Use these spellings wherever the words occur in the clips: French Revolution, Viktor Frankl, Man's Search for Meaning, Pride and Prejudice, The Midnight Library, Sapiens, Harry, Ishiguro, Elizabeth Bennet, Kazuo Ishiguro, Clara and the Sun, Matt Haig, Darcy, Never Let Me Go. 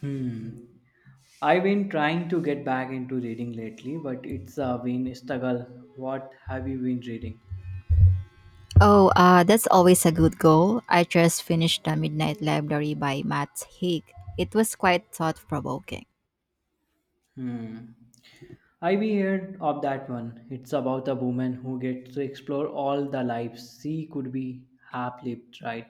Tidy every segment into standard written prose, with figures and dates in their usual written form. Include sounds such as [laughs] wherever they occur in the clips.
Hmm. I've been trying to get back into reading lately, but it's been a struggle. What have you been reading? Oh, that's always a good goal. I just finished The Midnight Library by Matt Haig. It was quite thought provoking. Hmm. I've heard of that one. It's about a woman who gets to explore all the lives she could be half lived, right?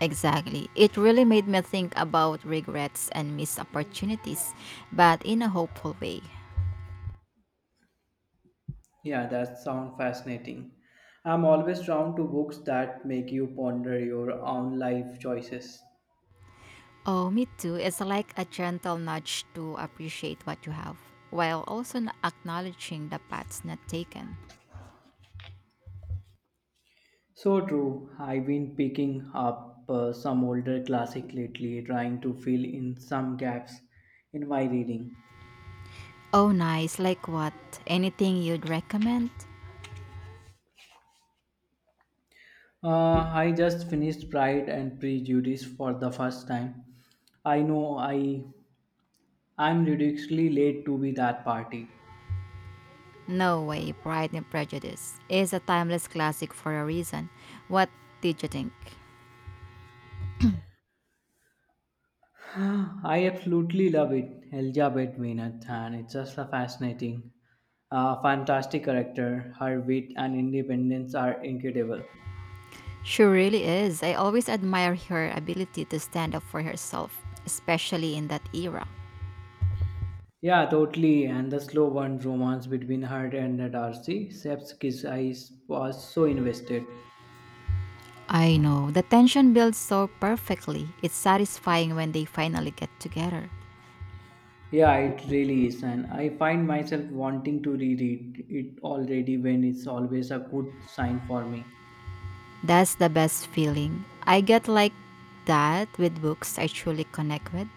Exactly. It really made me think about regrets and missed opportunities, but in a hopeful way. Yeah, that sounds fascinating. I'm always drawn to books that make you ponder your own life choices. Oh, me too. It's like a gentle nudge to appreciate what you have, while also acknowledging the paths not taken. So true. I've been picking up some older classic lately, trying to fill in some gaps in my reading. Oh, nice. Like what? Anything you'd recommend? I just finished Pride and Prejudice for the first time. I know I'm ridiculously late to be that party. No way, Pride and Prejudice is a timeless classic for a reason. What did you think? [sighs] I absolutely love it, Elizabeth Bennet, and it's just a fascinating, fantastic character. Her wit and independence are incredible. She really is. I always admire her ability to stand up for herself, especially in that era. Yeah, totally. And the slow burn romance between her and the Darcy, Seb's kiss, I was so invested. I know. The tension builds so perfectly. It's satisfying when they finally get together. Yeah, it really is. And I find myself wanting to reread it already when it's always a good sign for me. That's the best feeling. I get like that with books I truly connect with.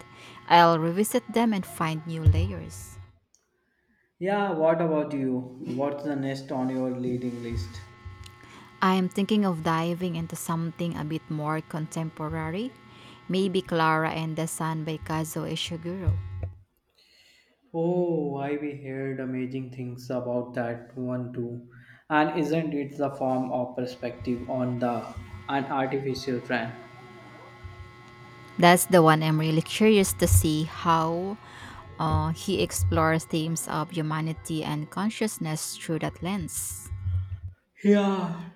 I'll revisit them and find new layers. Yeah, what about you? What's the next on your reading list? I'm thinking of diving into something a bit more contemporary. Maybe Clara and the Sun by Kazuo Ishiguro. Oh, I we heard amazing things about that one too. And isn't it the form of perspective on the an artificial trend? That's the one I'm really curious to see how he explores themes of humanity and consciousness through that lens. Yeah,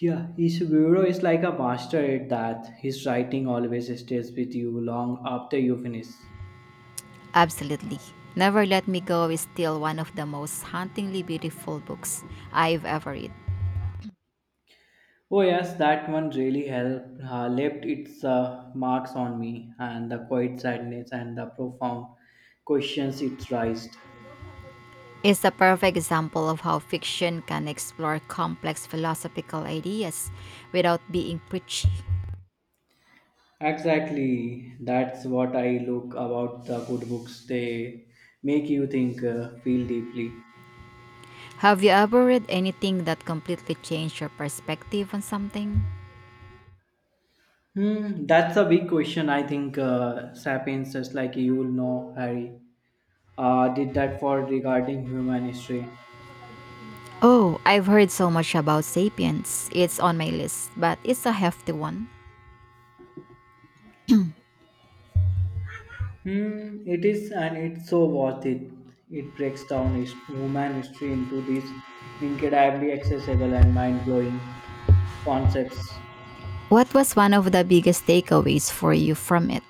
Yeah, Ishiguro is like a master at that. His writing always stays with you long after you finish. Absolutely. Never Let Me Go is still one of the most hauntingly beautiful books I've ever read. Oh yes, that one really helped, left its marks on me, and the quiet sadness and the profound questions it raised. It's a perfect example of how fiction can explore complex philosophical ideas without being preachy. Exactly, that's what I look about the good books. They make you think, feel deeply. Have you ever read anything that completely changed your perspective on something? Hmm, that's a big question. I think Sapiens, just like you will know, Harry, did that for regarding human history. Oh, I've heard so much about Sapiens. It's on my list, but it's a hefty one. Hmm, it is, and it's so worth it. It breaks down his, human history into these incredibly accessible and mind blowing concepts. What was one of the biggest takeaways for you from it?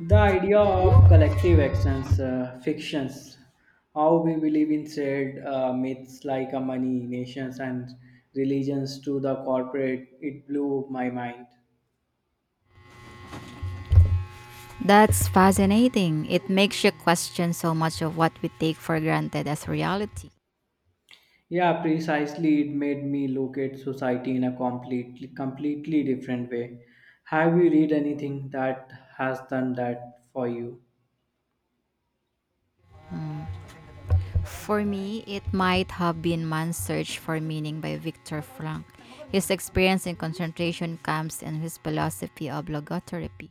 The idea of collective actions, fictions, how we believe in shared myths like money, nations, and religions to the corporate, it blew my mind. That's fascinating. It makes you question so much of what we take for granted as reality. Yeah, precisely. It made me look at society in a completely different way. Have you read anything that has done that for you? For me, it might have been Man's Search for Meaning by Viktor Frankl, his experience in concentration camps, and his philosophy of logotherapy.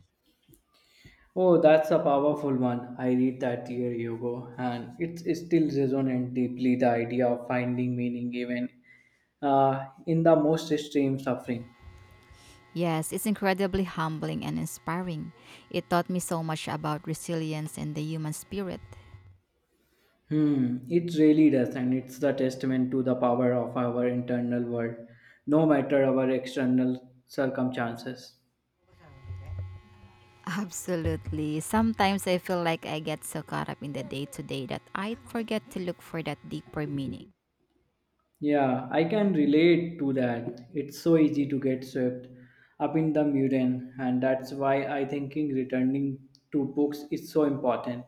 Oh, that's a powerful one. I read that year ago, and it's still resonant deeply the idea of finding meaning even in the most extreme suffering. Yes, it's incredibly humbling and inspiring. It taught me so much about resilience and the human spirit. Hmm, it really does, and it's the testament to the power of our internal world, no matter our external circumstances. [laughs] Absolutely. Sometimes I feel like I get so caught up in the day to day that I forget to look for that deeper meaning. Yeah, I can relate to that. It's so easy to get swept up in the mundane, and that's why I thinking returning to books is so important.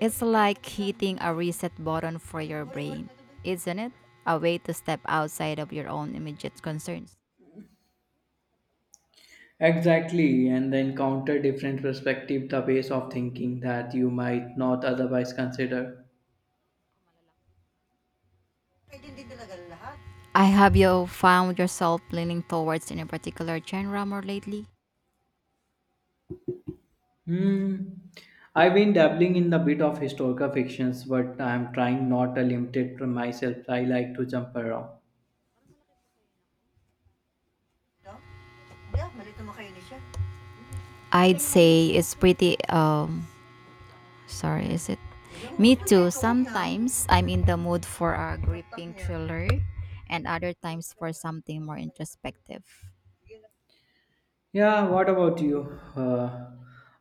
It's like hitting a reset button for your brain, isn't it? A way to step outside of your own immediate concerns. Exactly, and then encounter different perspective, the ways of thinking that you might not otherwise consider. I have you found yourself leaning towards in a particular genre more lately? Hmm. I've been dabbling in a bit of historical fictions, but I'm trying not to limit it to myself. I like to jump around. I'd say it's pretty Sorry, is it? Me too. Sometimes I'm in the mood for a gripping thriller, and other times for something more introspective. Yeah, what about you?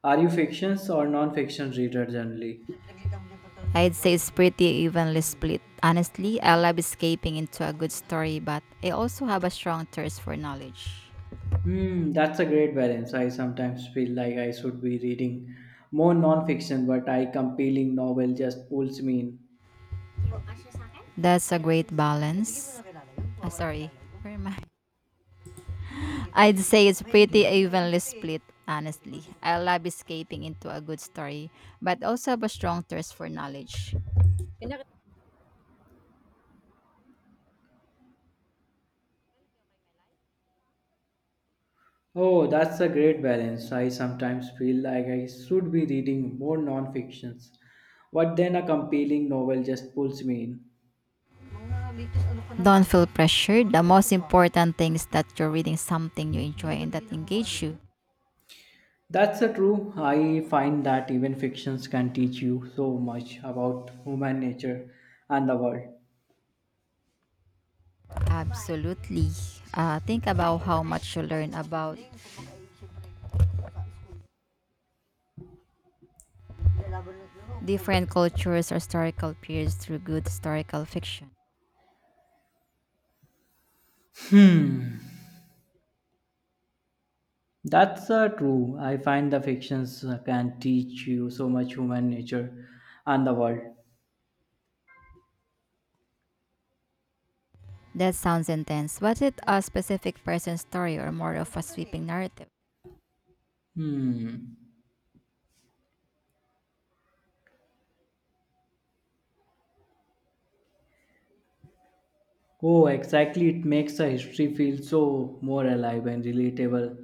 Are you fictions or non-fiction reader generally? I'd say it's pretty evenly split. Honestly, I love escaping into a good story, but I also have a strong thirst for knowledge. Hmm, that's a great balance. I sometimes feel like I should be reading more non-fiction, but I compelling novel just pulls me in. That's a great balance. Ah, sorry, where am I? I'd say it's pretty evenly split. Honestly, I love escaping into a good story, but also have a strong thirst for knowledge. Oh, that's a great balance. I sometimes feel like I should be reading more non-fictions, but then a compelling novel just pulls me in. Don't feel pressured. The most important thing is that you're reading something you enjoy and that engages you. That's a true. I find that even fictions can teach you so much about human nature and the world. Absolutely. Think about how much you learn about different cultures or historical periods through good historical fiction. That's true. I find the fictions can teach you so much human nature and the world. That sounds intense. Was it a specific person's story or more of a sweeping narrative? Hmm. Oh, exactly. It makes the history feel so more alive and relatable.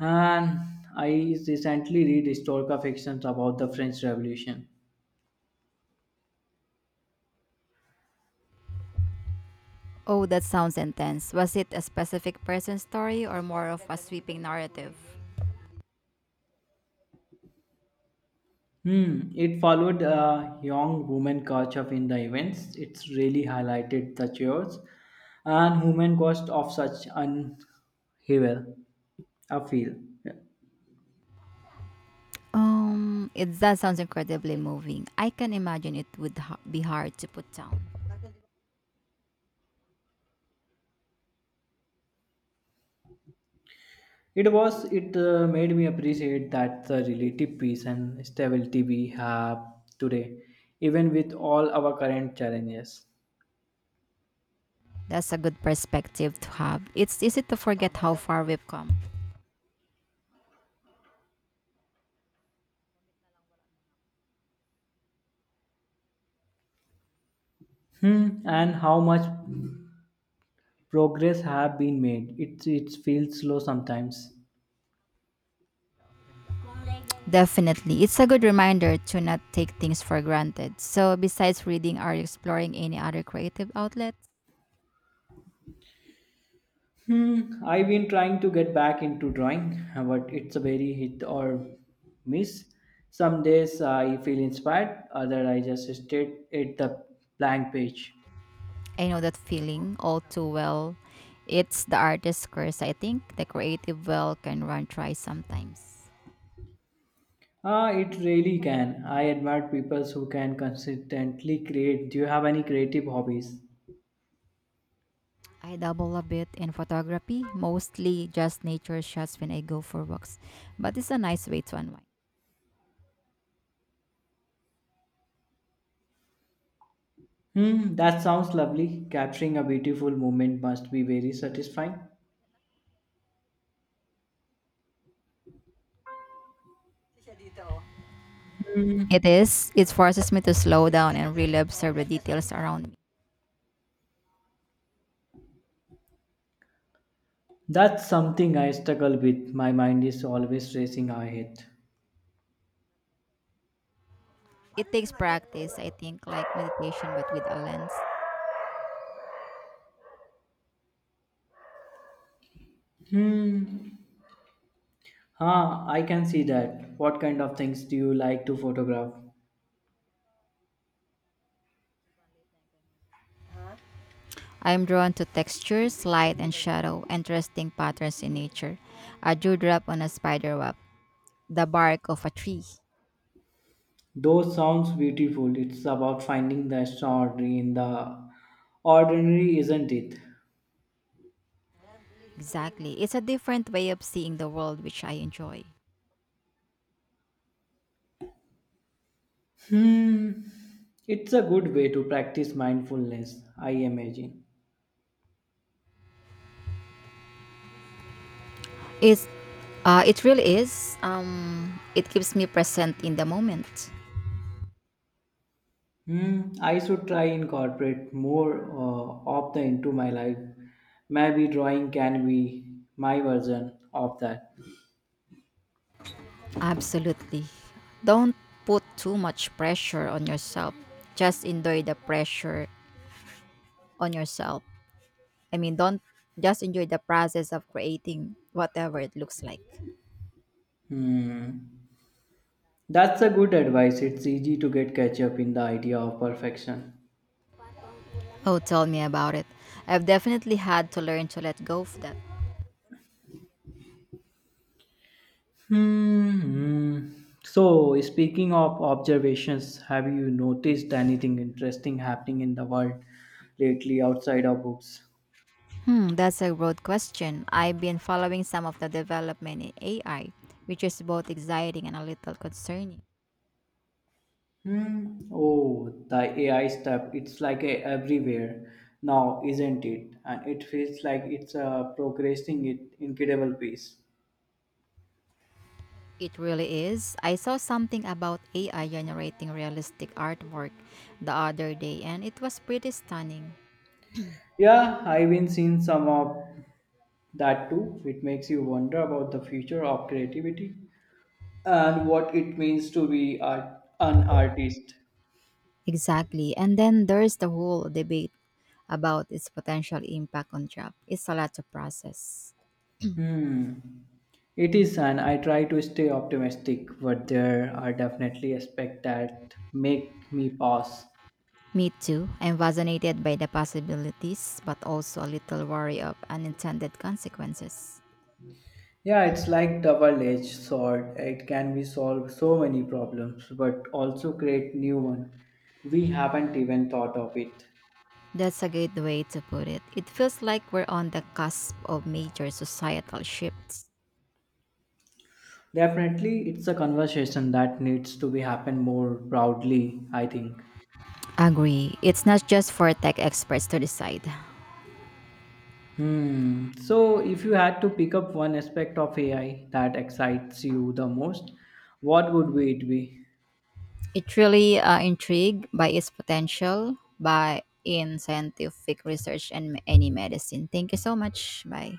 And I recently read historical fictions about the French Revolution. Oh, that sounds intense. Was it a specific person's story or more of a sweeping narrative? Hmm, it followed a young woman caught up in the events. It's really highlighted the chores and human cost of such unhevel. I feel. It that sounds incredibly moving. I can imagine it would be hard to put down. It was, it made me appreciate that the relative peace and stability we have today, even with all our current challenges. That's a good perspective to have. It's easy to forget how far we've come. Hmm, and how much progress have been made. It feels slow sometimes. Definitely. It's a good reminder to not take things for granted. So, besides reading, are you exploring any other creative outlets? Hmm, I've been trying to get back into drawing, but it's a very hit or miss. Some days I feel inspired, other I just stare at the blank page. I know that feeling all too well. It's the artist's curse, I think. The creative well can run dry sometimes. Ah, it really can. I admire people who can consistently create. Do you have any creative hobbies? I dabble a bit in photography, mostly just nature shots when I go for walks. But it's a nice way to unwind. Hmm, that sounds lovely. Capturing a beautiful moment must be very satisfying. It is. It forces me to slow down and really observe the details around me. That's something I struggle with. My mind is always racing ahead. It takes practice, I think, like meditation but with a lens. Hmm. Ah, I can see that. What kind of things do you like to photograph? I am drawn to textures, light and shadow, interesting patterns in nature. A dewdrop on a spider web, the bark of a tree. Those sounds beautiful. It's about finding the extraordinary in the ordinary, isn't it? Exactly. It's a different way of seeing the world which I enjoy. Hmm. It's a good way to practice mindfulness, I imagine. It's it really is. It keeps me present in the moment. Hmm. I should try incorporate more of the into my life. Maybe drawing can be my version of that. Absolutely. Don't put too much pressure on yourself. Just enjoy the pressure on yourself. I mean, don't just enjoy the process of creating whatever it looks like. Hmm. That's a good advice. It's easy to get catch up in the idea of perfection. Oh, tell me about it. I've definitely had to learn to let go of that. Hmm. Hmm. So, speaking of observations, have you noticed anything interesting happening in the world lately outside of books? Hmm, that's a broad question. I've been following some of the development in AI, which is both exciting and a little concerning. Hmm. Oh, the AI stuff, it's like a everywhere now, isn't it? And it feels like it's progressing at incredible pace. It really is. I saw something about AI generating realistic artwork the other day, and it was pretty stunning. Yeah, I've been seeing some of that too. It makes you wonder about the future of creativity and what it means to be art, an artist. Exactly. And then there's the whole debate about its potential impact on job. It's a lot to process. Hmm. It is, and I try to stay optimistic, but there are definitely aspects that make me pause. Me too. I'm fascinated by the possibilities, but also a little worry of unintended consequences. Yeah, it's like double-edged sword. It can be solve so many problems, but also create new one. We haven't even thought of it. That's a good way to put it. It feels like we're on the cusp of major societal shifts. Definitely, it's a conversation that needs to be happen more broadly, I think. Agree. It's not just for tech experts to decide. Hmm. So, if you had to pick up one aspect of AI that excites you the most, what would it be? It really intrigued by its potential by in scientific research and any medicine. Thank you so much. Bye.